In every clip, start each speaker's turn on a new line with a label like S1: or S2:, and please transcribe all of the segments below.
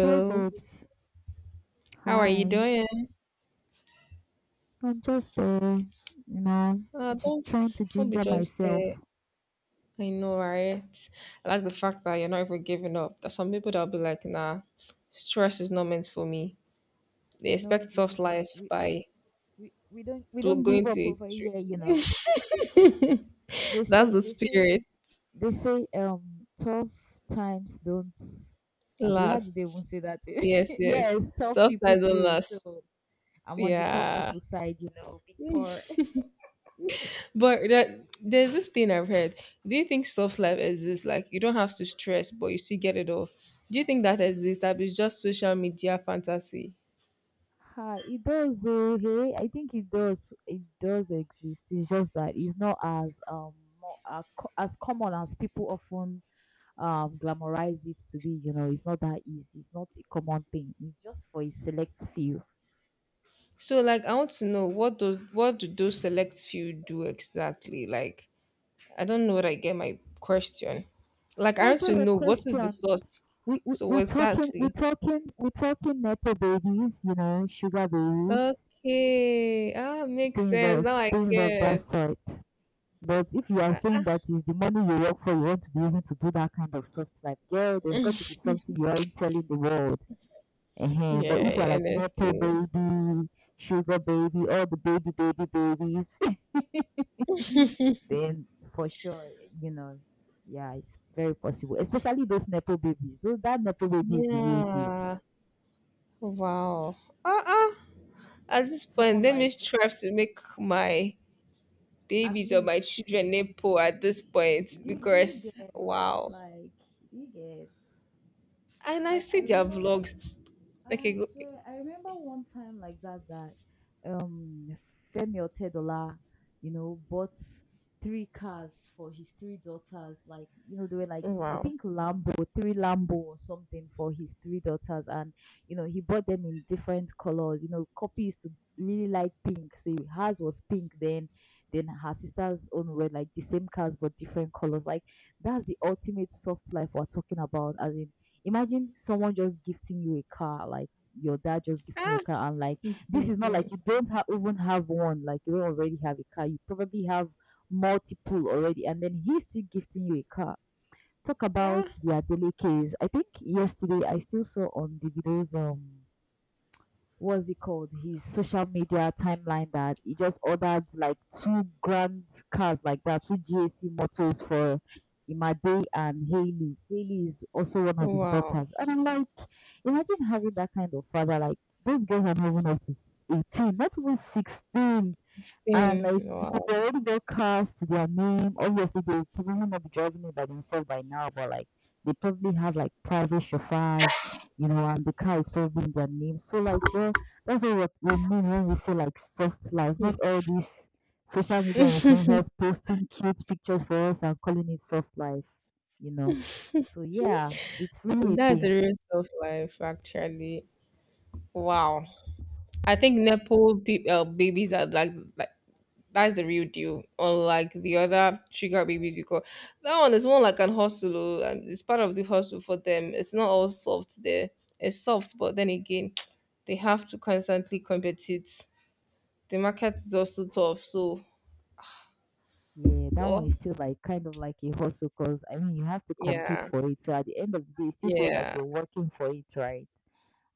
S1: Hey babes,
S2: how are you
S1: hi.
S2: doing?
S1: I'm just there, you know,
S2: Uh,
S1: just
S2: don't
S1: trying to
S2: don't be
S1: ginger
S2: just
S1: myself.
S2: there. I know, right? I like the fact that you're not even giving up. There's some people that'll be like, nah, stress is not meant for me. They
S1: No
S2: expect soft
S1: giving up.
S2: life
S1: We
S2: by
S1: we we don't we don't give
S2: going to
S1: up
S2: a
S1: over
S2: tree.
S1: here. You know, they
S2: That's
S1: say
S2: the
S1: they say
S2: spirit.
S1: they say tough times don't. Abi, how do they even
S2: Lasts.
S1: say that?
S2: Yes, yes.
S1: Yes, tough
S2: Soft
S1: people
S2: life don't
S1: do.
S2: last.
S1: So I'm on the tough
S2: Yeah.
S1: people side. You know, big poor.
S2: But that there's this thing I've heard. Do you think soft life exists? Like you don't have to stress, but you still get it all. Do you think that exists? That is just social media fantasy.
S1: Ha, it does though, hey. I think it does. It does exist. It's just that it's not as more, as common as people often glamorize it to be. You know, it's not that easy. It's not a common thing. It's just for a select few.
S2: So like I want to know what do those select few do exactly? Like I don't know what I get my question. Like I
S1: I
S2: want to
S1: get a
S2: know what is the
S1: question.
S2: source.
S1: We we
S2: So
S1: we
S2: what
S1: talking we
S2: exactly?
S1: talking we talking metal babies. You know, sugar babies,
S2: Okay. Ah, makes sense. Now I
S1: things of that
S2: get.
S1: sort. But if you are saying that is the money you work for, you want to be using to do that kind of soft life, girl, there's got to be something you aren't telling the world. But if
S2: Yeah,
S1: you're like Nepo
S2: honestly.
S1: baby, sugar baby, all the baby, baby, babies, then for sure, you know, yeah, it's very possible. Especially those Nepo babies. Those, that Nepo baby is the real deal.
S2: Yeah. Wow. Uh uh At this point,
S1: Someone
S2: let me
S1: like
S2: strive to make my
S1: at
S2: babies or
S1: least
S2: my children nipple at this point
S1: do you
S2: because
S1: get,
S2: wow.
S1: like do you get,
S2: And I
S1: like I
S2: see their
S1: remember,
S2: vlogs. Okay,
S1: I
S2: go,
S1: swear, I remember one time like that um Femi Otedola, you know, bought three cars for his three daughters. Like, you know, they were like I
S2: wow.
S1: think Lambo, three Lambo or something for his three daughters, and you know, he bought them in different colors. You know, Copy used to really like pink, so hers was pink. Then her sister's own were like the same cars but different colors. Like, that's the ultimate soft life we're talking about. As in, imagine someone just gifting you a car, like your dad just gifting you a
S2: Ah,
S1: car, and like this is not like
S2: exactly.
S1: you don't even have one, like you don't already have a car. You probably have multiple already, and then he's still gifting you a car. Talk about
S2: Ah,
S1: their daily case. I think yesterday I still saw on the videos what's it called, his social media timeline, that he just ordered like two grand cars like that, two GAC motors for Imade and Haley. Haley is also one of his
S2: wow.
S1: daughters, and I'm like, imagine having that kind of father. Like these girls are not even up to 18, not even 16. And like
S2: Same.
S1: you
S2: Wow.
S1: they already got cars to their name. Obviously they probably will not be driving it by themselves by now, but like they probably have like private chauffeurs, you know, and the car is probably in their name. So like girl, that's what we mean when we say like soft life, not
S2: Mm,
S1: all these social media influencers posting cute pictures for us and calling it soft life, you know. So yeah, it's really a
S2: that's the
S1: thing.
S2: rest of life, actually. Wow. I think babies are like that's the real deal. Unlike the other sugar babies you call. That one is more like an hustle. Oh, and it's part of the hustle for them. It's not all soft there. It's soft, but then again, they have to constantly compete. The market is also tough. So,
S1: Yeah, that one is
S2: well,
S1: still like kind of like a hustle because I mean you have to compete
S2: yeah,
S1: for it. So at the end of the day, it still feels like
S2: yeah,
S1: you're working for it, right?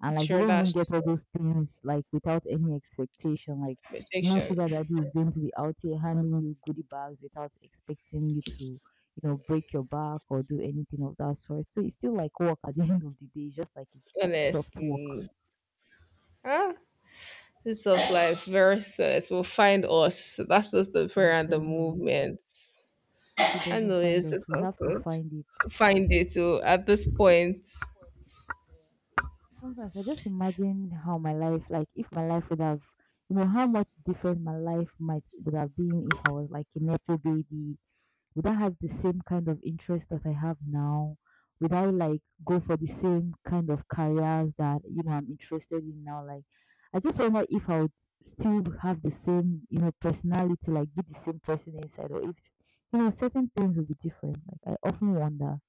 S1: And like you
S2: sure,
S1: don't even
S2: that's
S1: get all those things like without any expectation. Like no
S2: protection.
S1: sugar daddy is going to be out here handing you goodie bags without expecting you to, you know, break your back or do anything of that sort. So it's still like work at the end of the day, it's just like a soft work.
S2: Honestly, ah, this of life very serious. Will find us. That's just the prayer
S1: I'm
S2: and the
S1: telling you.
S2: movement.
S1: If it
S2: I
S1: doesn't
S2: know
S1: find us,
S2: it's
S1: we
S2: all
S1: have to
S2: good.
S1: find it.
S2: Find it oh, at this point.
S1: Sometimes I just imagine how my life, like if my life would have, you know, how much different my life might would have been if I was like a nepo baby. Would I have the same kind of interest that I have now? Would I like go for the same kind of careers that you know I'm interested in now? Like, I just wonder if I would still have the same, you know, personality, like be the same person inside, or if you know certain things would be different. Like, I often wonder.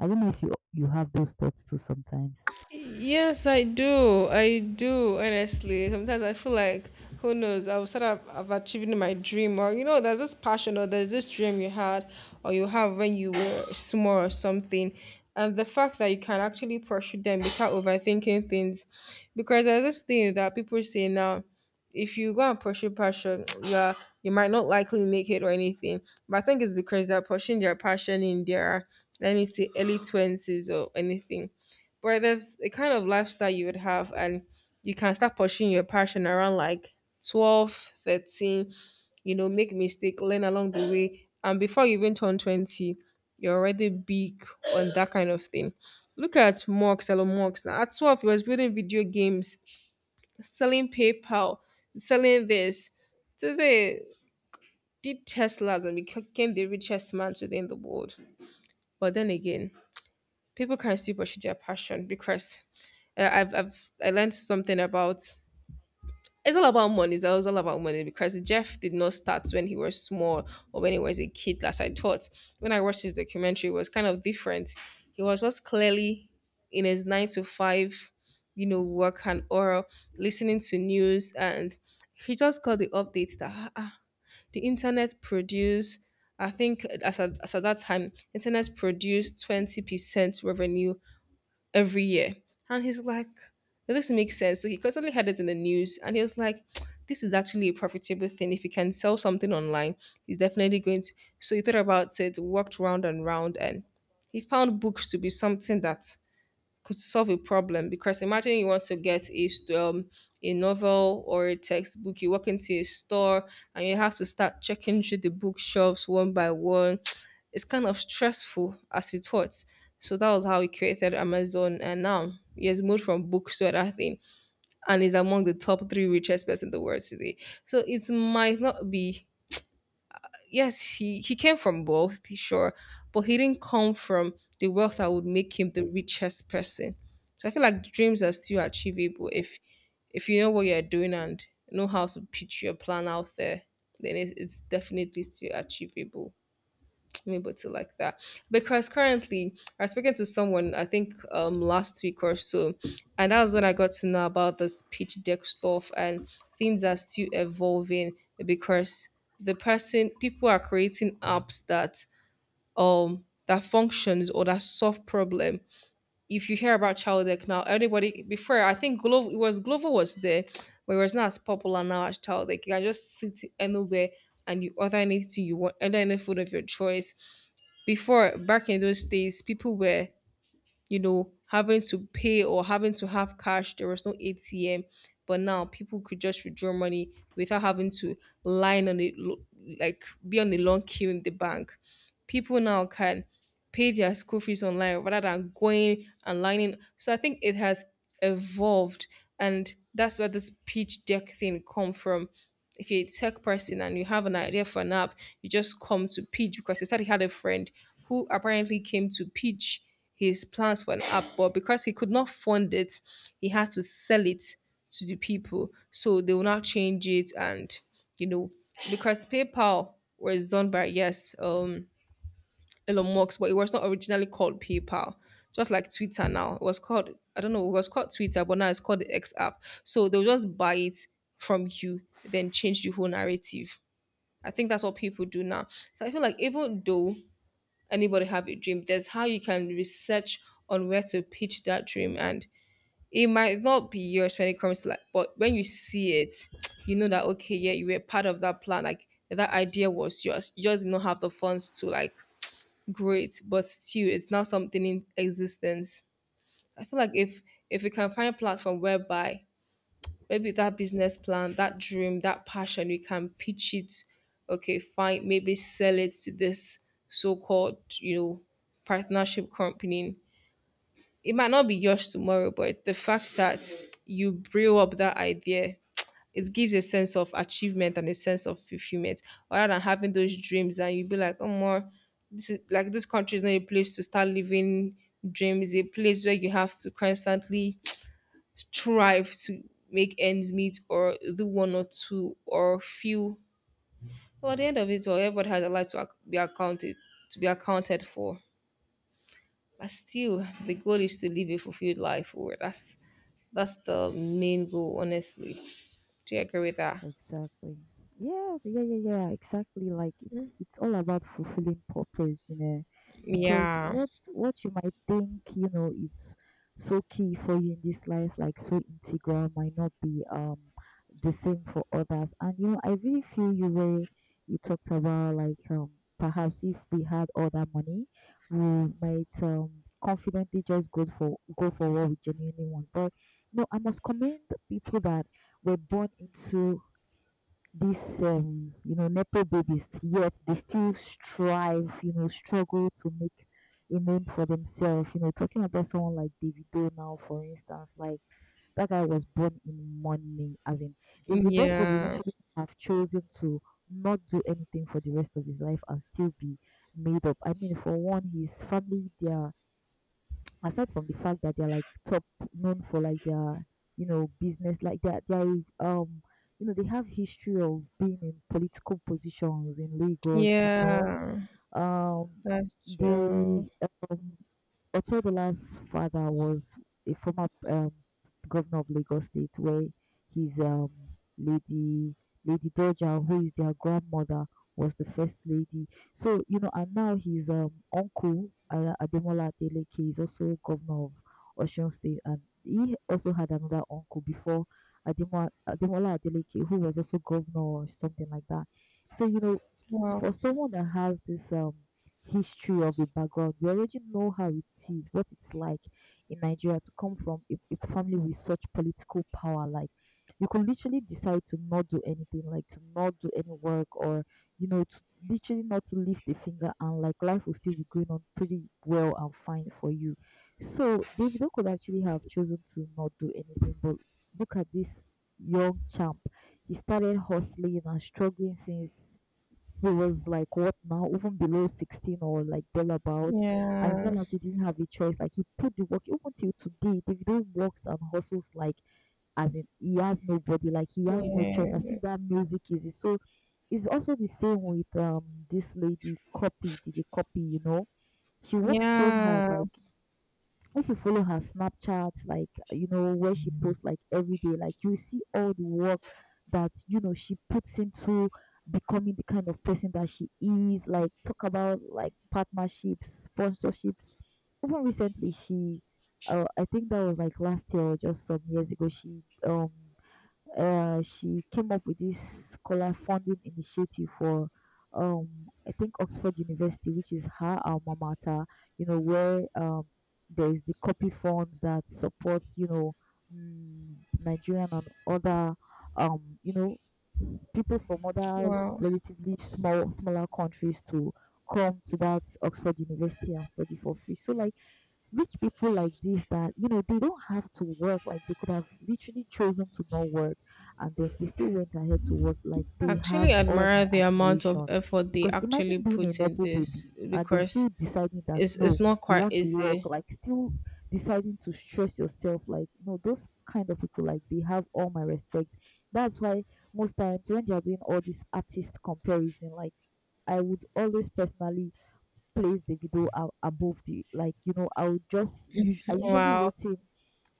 S1: I don't know if you have those thoughts too sometimes.
S2: Yes, I
S1: Yes,
S2: do. I
S1: I do.
S2: do, honestly. Sometimes I feel like, who
S1: Uh,
S2: knows, I'll start up of achieving my dream. Or, you know, there's this
S1: Are
S2: passion
S1: you
S2: or there's this dream you had or you have when you were small or something. And the fact that you can actually
S1: a
S2: pursue them without overthinking things. Because there's this thing that people say now, if you go and pursue passion, yeah, you might not likely make it or anything. But I think it's because they're pursuing their passion in their, let me say, early 20s or anything, but there's a kind of lifestyle you would have, and you can start pursuing your passion around like 12, 13. You know, make mistake, learn along the way. And before you even turn 20, you're already big on that kind of thing. Look at Marks, Elon Musk. Now, at 12, he was building video games, selling PayPal, selling this. Today, did Teslas and became the richest man today in the world. But then again, people can still pursue their passion because I learned something about it's all about money. It's all about money because Jeff did not start when he was small or when he was a kid, as I thought. When I watched his documentary, it was kind of different. He was just clearly in his nine to five, you know, work and oral, listening to news, and he just got the update that, "Ah, ah, the internet produced. I think as at that time, internet produced 20% revenue every year." And he's like, "Well, this makes sense." So he constantly had it in the news and he was like, this is actually a profitable thing. If he can sell something online, he's definitely going to. So he thought about it, worked round and round, and he found books to be something that could solve a problem because imagine you want to get a a novel or a textbook, you walk into a store and you have to start checking through the bookshelves one by one. It's kind of stressful as it was, so that was how we created Amazon, and now he has moved from books to other thing and is among the top three richest person in the world today. So it might not be, yes, he came from both, sure, but he didn't come from the wealth that would make him the richest person. So I feel like dreams are still achievable if you know what you're doing and know how to pitch your plan out there, then it's definitely still achievable, let me put it like that, because currently I was speaking to someone I think last week or so, and that was when I got to know about this pitch deck stuff, and things are still evolving because the person people are creating apps that that functions or that solve problem. If you hear about Child Deck now, everybody, before I think Global, it was Global was there, but it was not as popular now as Child Deck. You can just sit anywhere and you order anything you want, order any food of your choice. Before, back in those days, people were, you know, having to pay or having to have cash, there was no ATM, but now people could just withdraw money without having to line on it, like be on a long queue in the bank. People now can pay their school fees online rather than going and lining. So I think it has evolved, and that's where this pitch deck thing come from. If you're a tech person and you have an idea for an app, you just come to pitch, because he said he had a friend who apparently came to pitch his plans for an app, but because he could not fund it, he had to sell it to the people. So they will now change it, and, you know, because PayPal was done by, yes, Elon Musk, but it was not originally called PayPal. Just like Twitter now, it was called, I don't know, it was called Twitter, but now it's called the X app. So they'll just buy it from you, then change the whole narrative. I think that's what people do now. So I feel like even though anybody have a dream, there's how you can research on where to pitch that dream, and it might not be yours when it comes to like, but when you see it, you know that okay, yeah, you were part of that plan, like that idea was yours. You just did not have the funds to like great, but still it's not something in existence. I feel like if we can find a platform whereby maybe that business plan, that dream, that passion, we can pitch it, okay, fine, maybe sell it to this so called, you know, partnership company. It might not be yours tomorrow, but the fact that you brew up that idea, it gives a sense of achievement and a sense of fulfillment rather than having those dreams and you be like, oh more, this is like, this country is not a place to start living dreams, a place where you have to constantly strive to make ends meet or do one or two or few. Well, at the end of it all, everybody has a life to be accounted to be accounted for. But still the goal is to live a fulfilled life, or that's the main goal, honestly. Do you agree with that?
S1: exactly. Yeah, yeah, yeah, yeah. Exactly. Like it's all about fulfilling purpose, you know, because
S2: Yeah.
S1: what you might think, you know, is so key for you in this life, like so integral, might not be the same for others. And you know, I really feel you where you talked about like perhaps if we had all that money, we might confidently just go for what we genuinely want. But no, I must commend people that were born into these you know, nepo babies, yet they still strive, you know, struggle to make a name for themselves, you know, talking about someone like Davido now for instance. Like that guy was born in money. As in, Davido could
S2: Yeah,
S1: literally have chosen to not do anything for the rest of his life and still be made up. I mean, for one, his family their aside from the fact that they're like top known for like their, you know, business, like their you know, they have history of being in political positions in Lagos, you know,
S2: yeah,
S1: um
S2: that's true.
S1: they um Otedola's father was a former governor of Lagos State, where his lady Lady Doja, who is their grandmother, was the first lady. So you know, and now his uncle Ademola Adeleke is also governor of Osun State, and he also had another uncle before Ademola, Ademola Adeleke, who was also governor or something like that. So you know,
S2: Well,
S1: for someone that has this history of a background. We already know how it is, what it's like in Nigeria to come from a family with such political power. Like you could literally decide to not do anything, like to not do any work, or you know, to literally not to lift a finger, and like life will still be going on pretty well and fine for you. So Davido could actually have chosen to not do anything, but look at this young champ. He started hustling and struggling since he was like what, now even below 16 or like thereabouts, and it's not
S2: yeah,
S1: like he didn't have a choice. Like he put the work. Even till today, Davido works and hustles. Like, as in, he has nobody, like he has no choice, as if that
S2: yes,
S1: music is it. So it's also the same with this lady Copy, DJ Copy, you know, she works so hard.
S2: yeah.
S1: Like if you follow her Snapchat, like you know where she posts like every day, like you see all the work that you know she puts into becoming the kind of person that she is. Like talk about like partnerships, sponsorships. Even recently, she, I think that was like last year or just some years ago. She she came up with this scholar funding initiative for I think Oxford University, which is her alma mater, you know, where there's the Copy fund that supports, you know, mm, Nigerian and other you know, people from other
S2: Wow.
S1: relatively smaller countries to come to that Oxford University and study for free. So like rich people like this, that you know they don't have to work, like they could have literally chosen to not work, and then they still went ahead to work. Like they
S2: Actually,
S1: have all my
S2: admire the amount of
S1: admiration,
S2: effort they
S1: because imagine
S2: actually
S1: being a
S2: put in
S1: nepo baby
S2: this
S1: and they're
S2: because
S1: still deciding that no,
S2: it's not
S1: you
S2: quite
S1: want to work,
S2: easy.
S1: like still deciding to stress yourself. Like no, those kind of people, like they have all my respect. That's why most times when they are doing all this artist comparison, like I would always personally place Davido above the, like you know, I would just I usually
S2: Wow.
S1: rate him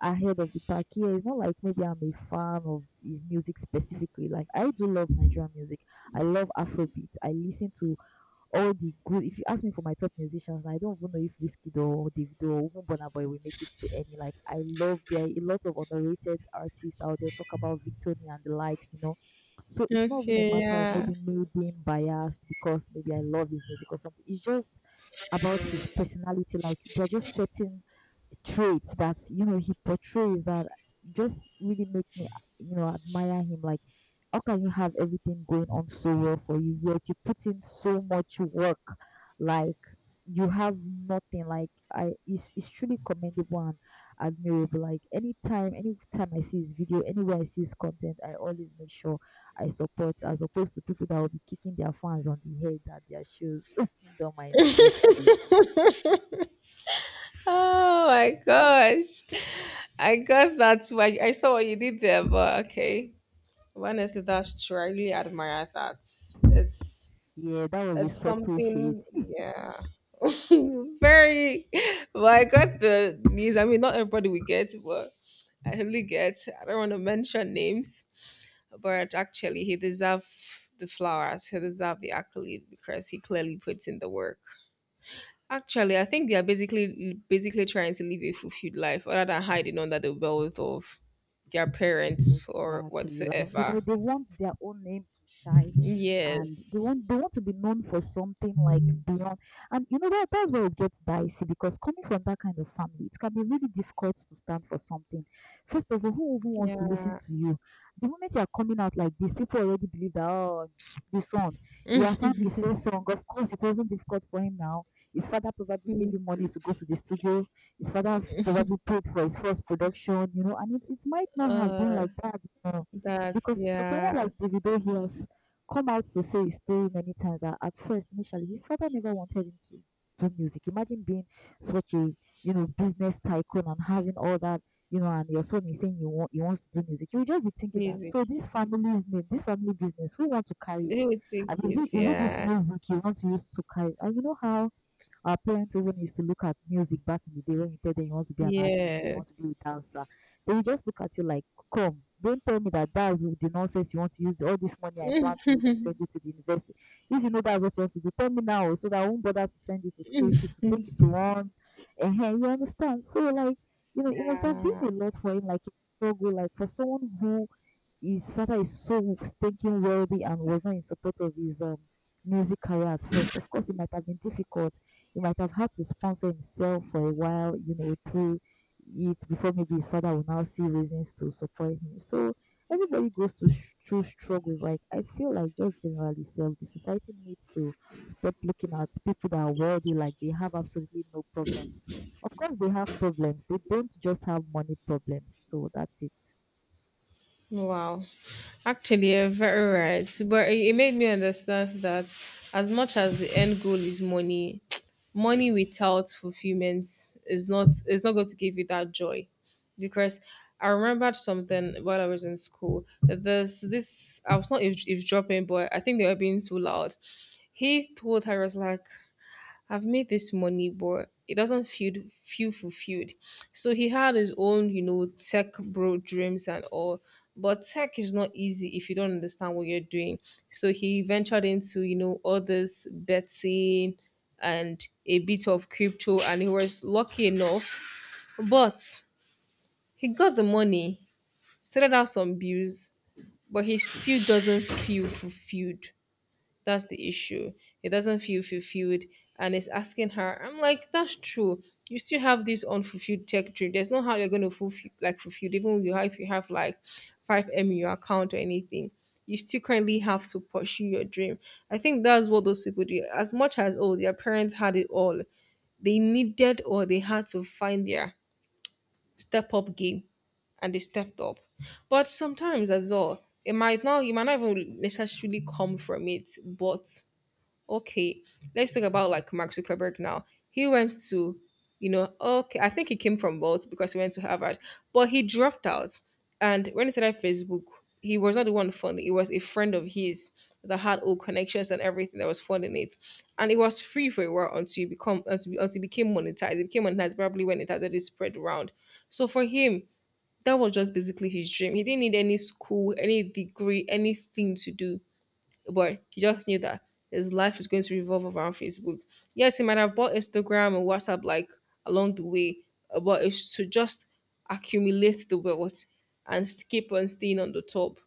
S1: ahead of the pack. Yeah, it's not like maybe I'm a fan of his music specifically. Like I do love Nigerian music. I love Afrobeat. I listen to all the good. If you ask me for my top musicians, I don't even know if Wizkid or Davido or even Burna Boy will make it to any. Like I love, there are a lot of underrated artists out there, talk about Victoria and the likes, you know. So it's not even a
S2: Okay.
S1: matter of
S2: Yeah.
S1: maybe me being biased because maybe I love his music or something. It's just about his personality. Like there are just certain traits that you know he portrays that just really make me, you know, admire him. Like how can you have everything going on so well for you yet you put in so much work, like you have nothing? Like it's truly commendable and admirable. Like anytime I see his video anywhere, I see his content, I always make sure I support, as opposed to people that will be kicking their fans on the head at their shoes. Don't mind me, just kidding.
S2: Oh my gosh. I got that. Why, I saw what you did there, but okay. Honestly, that's true. I really admire that. It's
S1: Yeah, that was a
S2: it's
S1: subtle shade.
S2: something, yeah. Very well, I got the news. I mean, not everybody will get, but I really get. I don't want to mention names, but actually he deserved the flowers, he deserved the accolade because he clearly puts in the work. Actually, I think they are basically trying to live a fulfilled life other than hiding under the wealth of their parents or
S1: Exactly. Like, you know,
S2: whatsoever.
S1: they want their own name to shine, and they
S2: Yes.
S1: want they want to be known for something, like beyond. And you know that's where it gets dicey, because coming from that kind of family, it can be really difficult to stand for something. First of all, who even wants to listen
S2: Yeah.
S1: to you? The moment you are coming out like this, people already believe that, oh, this one, you are sang his first song, of course it wasn't difficult for him now. His father probably gave him money to go to the studio. His father probably paid for his first production, you know, and it might not have been
S2: Uh,
S1: like that, you know,
S2: that,
S1: because for someone
S2: yeah,
S1: like Davido, he has come out to say his story many times that at first, initially, his father never wanted him to do music. Imagine being such a, you know, business tycoon and having all that, you know, and your son is saying you want, he wants to do music. You will just be thinking that,
S2: music.
S1: so this family's name, this family business, who want to carry it?
S2: They would take
S1: And
S2: it.
S1: is it this
S2: Yeah.
S1: music you want to use to carry it?" And you know how our parents even used to look at music back in the day when you tell them you want to be an artist or you want to
S2: Yes.
S1: be a dancer. They will just look at you like, come, don't tell me that that's the nonsense you want to use, all this money I plan to use to send you to the university. If you know that's what you want to do, tell me now so that I won't bother to send you to school fees to take you to one. And you understand? So, like, you know, it must have
S2: Yeah.
S1: been a lot for him, like a struggle, like for someone who his father is so stinking wealthy and was not in support of his music career at first. Of course, it might have been difficult. He might have had to sponsor himself for a while, you know, through it before maybe his father will now see reasons to support him. So everybody goes to through struggles. Like I feel like just generally self, the society needs to stop looking at people that are wealthy like they have absolutely no problems. Of course, they have problems. They don't just have money problems. So that's it.
S2: Wow. Actually, you're very right. But it made me understand that as much as the end goal is money, money without fulfillment is not going to give you that joy. Because I remembered something while I was in school. There's this, I was not eavesdropping, but I think they were being too loud. He told her, he was like, I've made this money, but it doesn't feel fulfilled. So he had his own, you know, tech bro dreams and all. But tech is not easy if you don't understand what you're doing. So he ventured into, you know, all this betting and a bit of crypto, and he was lucky enough. But he got the money, settled out some bills, but he still doesn't feel fulfilled. That's the issue. It doesn't feel fulfilled, and it's asking her, I'm like, that's true. You still have this unfulfilled tech dream. There's no how you're gonna fulfill like fulfilled, even if you have like 5M in your account or anything. You still currently have to pursue your dream. I think that's what those people do. As much as oh, their parents had it all, they needed or they had to find their step up game, and they stepped up. But sometimes as well, it might not you might not even necessarily come from it, but okay, let's talk about like Mark Zuckerberg now. He went to, okay, I think he came from both because he went to Harvard, but he dropped out. And when he started Facebook, he was not the one funding. It was a friend of his that had all connections and everything that was funding it, and it was free for a while until you become until it became monetized. It became monetized probably when it has already spread around. So for him, that was just basically his dream. He didn't need any school, any degree, anything to do, but he just knew that his life is going to revolve around Facebook. Yes, he might have bought Instagram and WhatsApp like along the way, but it's to just accumulate the wealth and keep on staying on the top.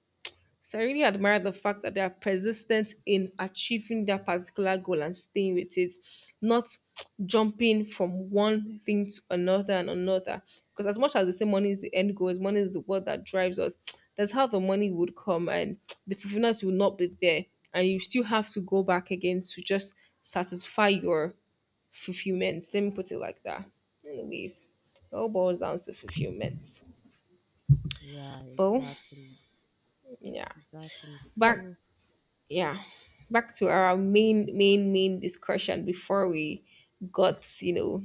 S2: So I really admire the fact that they are persistent in achieving their particular goal and staying with it, not jumping from one thing to another and another. Because as much as they say money is the end goal, is money is the what that drives us. That's how the money would come, and the fulfillment will not be there, and you still have to go back again to just satisfy your fulfillment. Let me put it like that. Anyways, it all boils down to fulfillment.
S1: Yeah,
S2: But
S1: exactly.
S2: yeah,
S1: Exactly.
S2: back,
S1: So,
S2: yeah, back to our main discussion before we got.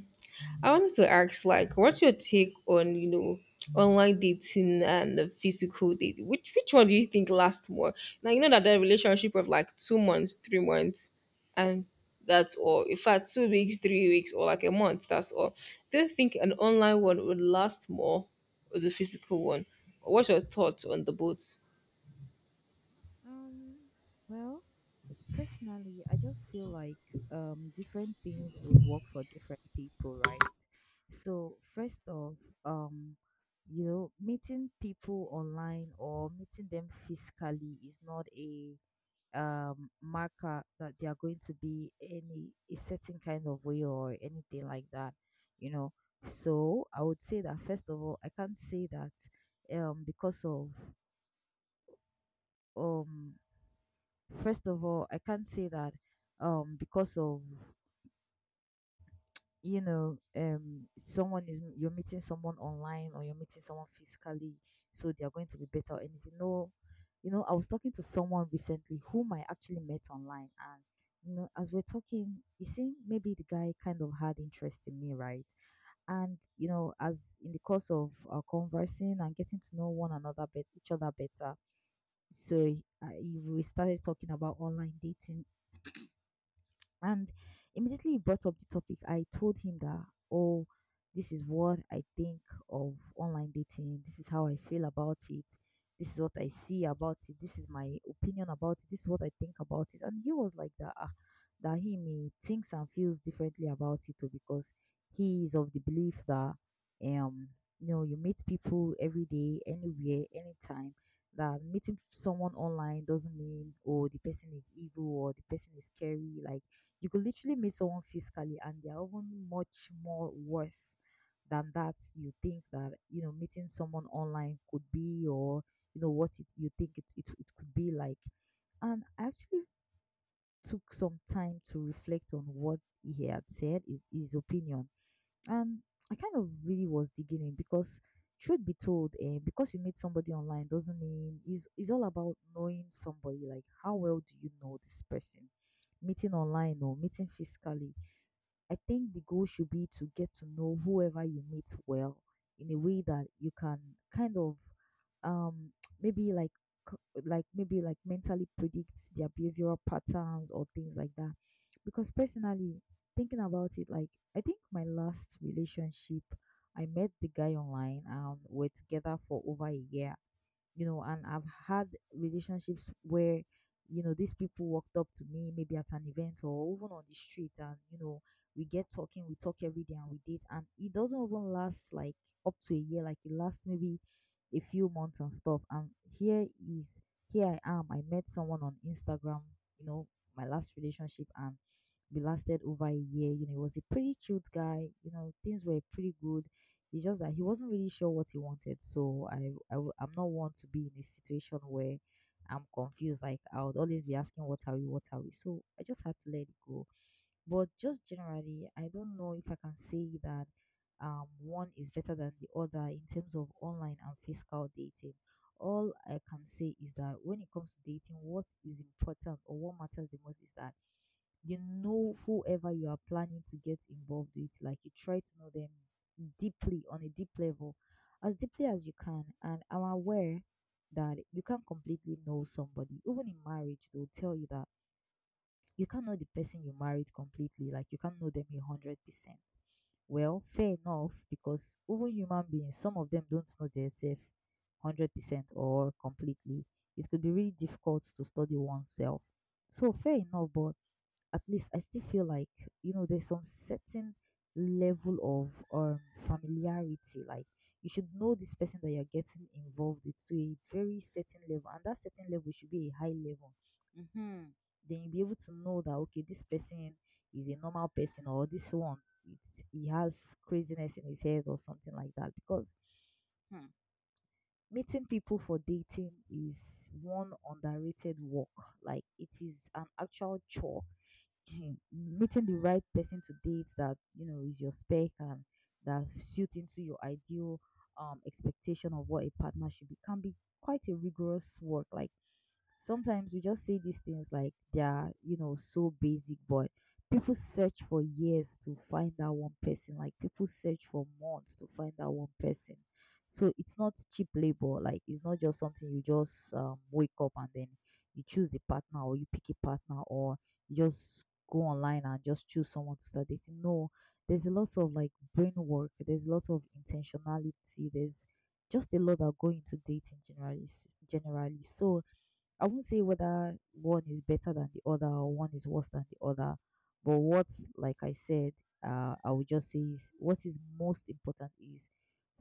S2: I wanted to ask, like, what's your take on online dating and the physical dating? Which one do you think lasts more now? That the relationship of like 2 months, 3 months, and that's all, in fact, 2 weeks, 3 weeks, or like a month, that's all. Do you think an online one would last more, or the physical one? What's your thoughts on the both?
S1: um, well, personally, I just feel like different things would work for different people, right? So, first off, um, you know, meeting people online or meeting them physically is not a marker that they are going to be any a certain kind of way or anything like that, you know. So I would say that first of all, I can't say that, because of, um first of all, I can't say that, because of, you know, someone is, you're meeting someone online or you're meeting someone physically, so they're going to be better or anything. No, you know, I was talking to someone recently whom I actually met online, and you know, as we're talking, it seemed maybe the guy kind of had interest in me, right? And you know, as in the course of conversing and getting to know one another, bet each other better. So uh, we started talking about online dating, and immediately he brought up the topic. I told him that, oh, this is what I think of online dating. This is how I feel about it. This is what I see about it. This is my opinion about it. This is what I think about it. And he was like that, ah, that he may thinks and feels differently about it too, because he is of the belief that, um you know, you meet people every day, anywhere, anytime, that meeting someone online doesn't mean, oh, the person is evil or the person is scary. Like you could literally meet someone physically and they're even much more worse than that, you think that, you know, meeting someone online could be, or you know what it, you think it could be like. And I actually took some time to reflect on what he had said, his opinion, and I kind of really was digging in, because truth be told, eh, because you meet somebody online doesn't mean it's all about knowing somebody. Like how well do you know this person, meeting online or meeting physically? I think the goal should be to get to know whoever you meet well, in a way that you can kind of um maybe like like maybe like mentally predict their behavioral patterns or things like that. Because personally, thinking about it, like I think my last relationship, I met the guy online and we're together for over a year. You know, and I've had relationships where, you know, these people walked up to me maybe at an event or even on the street, and, you know, we get talking, we talk every day and we date, and it doesn't even last like up to a year, like it lasts maybe a few months and stuff. And here I am. I met someone on Instagram, you know, my last relationship, and we lasted over a year. You know, he was a pretty cute guy, you know, things were pretty good, it's just that he wasn't really sure what he wanted. So I, I'm not one to be in a situation where I'm confused. Like I would always be asking, "What are we? What are we?" So I just had to let it go. But just generally, I don't know if I can say that, one is better than the other in terms of online and physical dating. All I can say is that when it comes to dating, what is important or what matters the most is that, you know, whoever you are planning to get involved with, like you try to know them deeply, on a deep level, as deeply as you can. And I'm aware that you can't completely know somebody. Even in marriage, they'll tell you that you can't know the person you married completely. Like you can't know them 100%. Well, fair enough, because even human beings, some of them don't know themselves 100% or completely. It could be really difficult to study oneself. So fair enough, but at least I still feel like, you know, there's some certain level of familiarity. Like you should know this person that you're getting involved with to a very certain level, and that certain level should be a high level. Hmm. Then you'll be able to know that, okay, this person is a normal person, or this one, it's he has craziness in his head or something like that. Because, hmm, meeting people for dating is one underrated work. Like it is an actual chore. Meeting the right person to date that you know is your spec and that suits into your ideal expectation of what a partner should be can be quite a rigorous work. Like sometimes we just say these things like they are, you know, so basic, but people search for years to find that one person, like people search for months to find that one person. So it's not cheap labor. Like it's not just something you just wake up and then you choose a partner or you pick a partner, or you just go online and just choose someone to start dating. No, there's a lot of like brain work, there's a lot of intentionality, there's just a lot that go into dating generally. So I wouldn't say whether one is better than the other or one is worse than the other. But what, like I said, I would just say is, what is most important is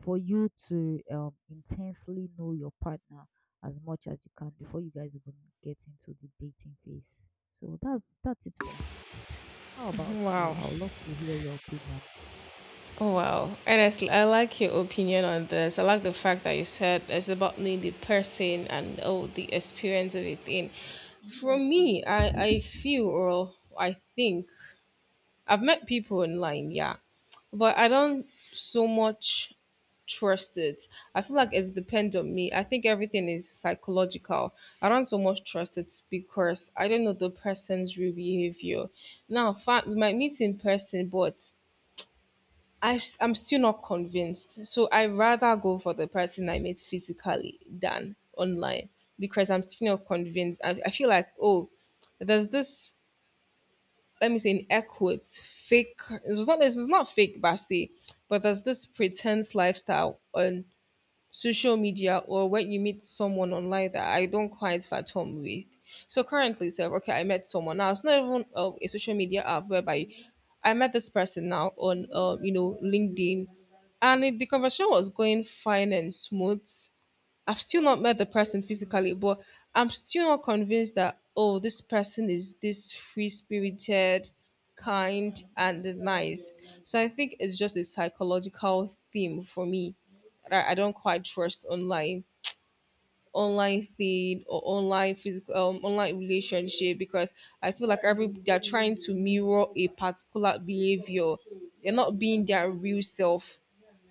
S1: for you to intensely know your partner as much as you can before you guys even get into the dating phase. So that's it for me. How about you?
S2: wow
S1: I would love to hear your opinion.
S2: Oh wow, honestly, I like your opinion on this. I like the fact that you said it's about knowing the person and oh the experience of it. In For me, I feel or I think I've met people online, yeah, but I don't so much trust it. I feel like it depends on me. I think everything is psychological. I don't so much trust it because I don't know the person's real behavior. Now, we might meet in person, but I'm still not convinced. So I rather go for the person I met physically than online because I'm still not convinced. I feel like, oh, there's this, let me say, in air quotes, fake, it's not fake, but I say, but there's this pretense lifestyle on social media or when you meet someone online that I don't quite fathom with. So currently, so okay, I met someone now. It's not even a social media app whereby I met this person now on, LinkedIn, and the conversation was going fine and smooth. I've still not met the person physically, but I'm still not convinced that oh, this person is this free spirited, kind, and nice. So I think it's just a psychological theme for me that I don't quite trust online thing, or online physical online relationship, because I feel like every they're trying to mirror a particular behavior. They're not being their real self.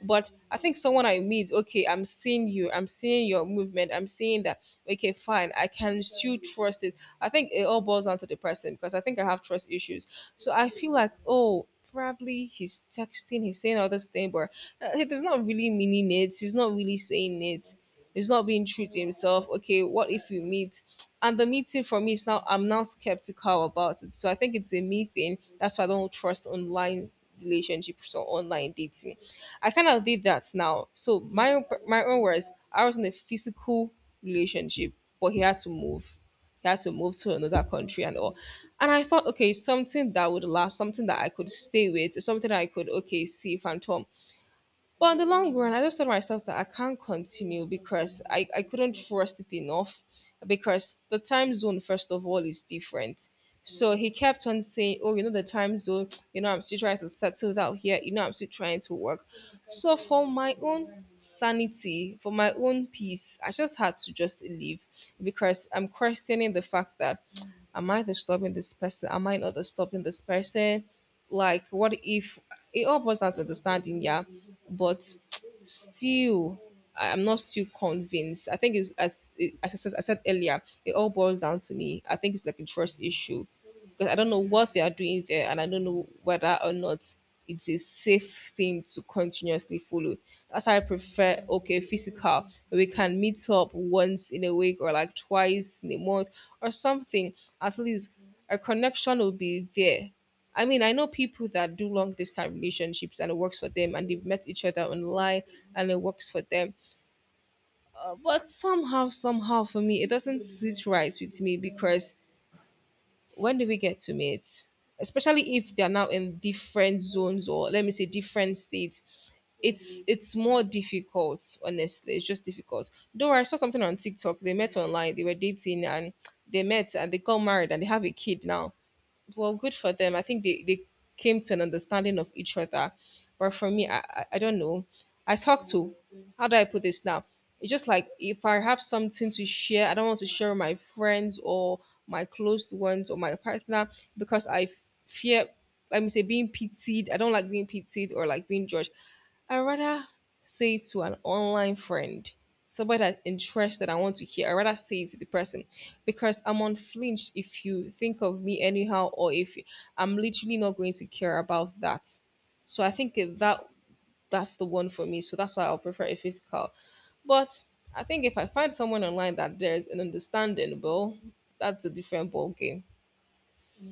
S2: But I think someone I meet, okay, I'm seeing you, I'm seeing your movement, I'm seeing that. Okay, fine, I can still trust it. I think it all boils down to the person because I think I have trust issues. So I feel like, oh, probably he's texting, he's saying all this thing, but he does not really meaning it. He's not really saying it. He's not being true to himself. Okay, what if you meet? And the meeting for me is now I'm now skeptical about it. So I think it's a me thing. That's why I don't trust online relationships or online dating. I kind of did that now. So my own words, I was in a physical relationship, but he had to move. He had to move to another country and all. And I thought, okay, something that would last, something that I could stay with, something that I could, okay, see Phantom. But in the long run, I just told myself that I can't continue because I couldn't trust it enough because the time zone, first of all, is different. So he kept on saying, "Oh, you know, the time zone, you know, I'm still trying to settle out here, you know, I'm still trying to work." So, for my own sanity, for my own peace, I just had to just leave because I'm questioning the fact that am I disturbing this person? Am I not disturbing this person? Like, what if it all boils down to understanding, yeah, but still, I'm not still convinced. I think it's as I said earlier, it all boils down to me. I think it's like a trust issue because I don't know what they are doing there, and I don't know whether or not it's a safe thing to continuously follow. That's why I prefer, okay, physical. We can meet up once in a week or like twice in a month or something. At least a connection will be there. I mean, I know people that do long distance relationships and it works for them, and they've met each other online and it works for them. But somehow, somehow, for me, it doesn't sit right with me because when do we get to meet? Especially if they are now in different zones, or let me say, different states, it's more difficult, honestly. It's just difficult. Though I saw something on TikTok, they met online, they were dating, and they met and they got married, and they have a kid now. Well, good for them. I think they came to an understanding of each other. But for me, I don't know. I talk to... How do I put this now? It's just like if I have something to share, I don't want to share with my friends or my close ones or my partner because I fear, let me say, being pitied. I don't like being pitied or like being judged. I rather say it to an online friend, somebody that's interested I want to hear. I rather say it to the person because I'm unflinched if you think of me anyhow, or if I'm literally not going to care about that. So I think if that's the one for me. So that's why I'll prefer a physical. But I think if I find someone online that there's an understanding, well, that's a different ball game.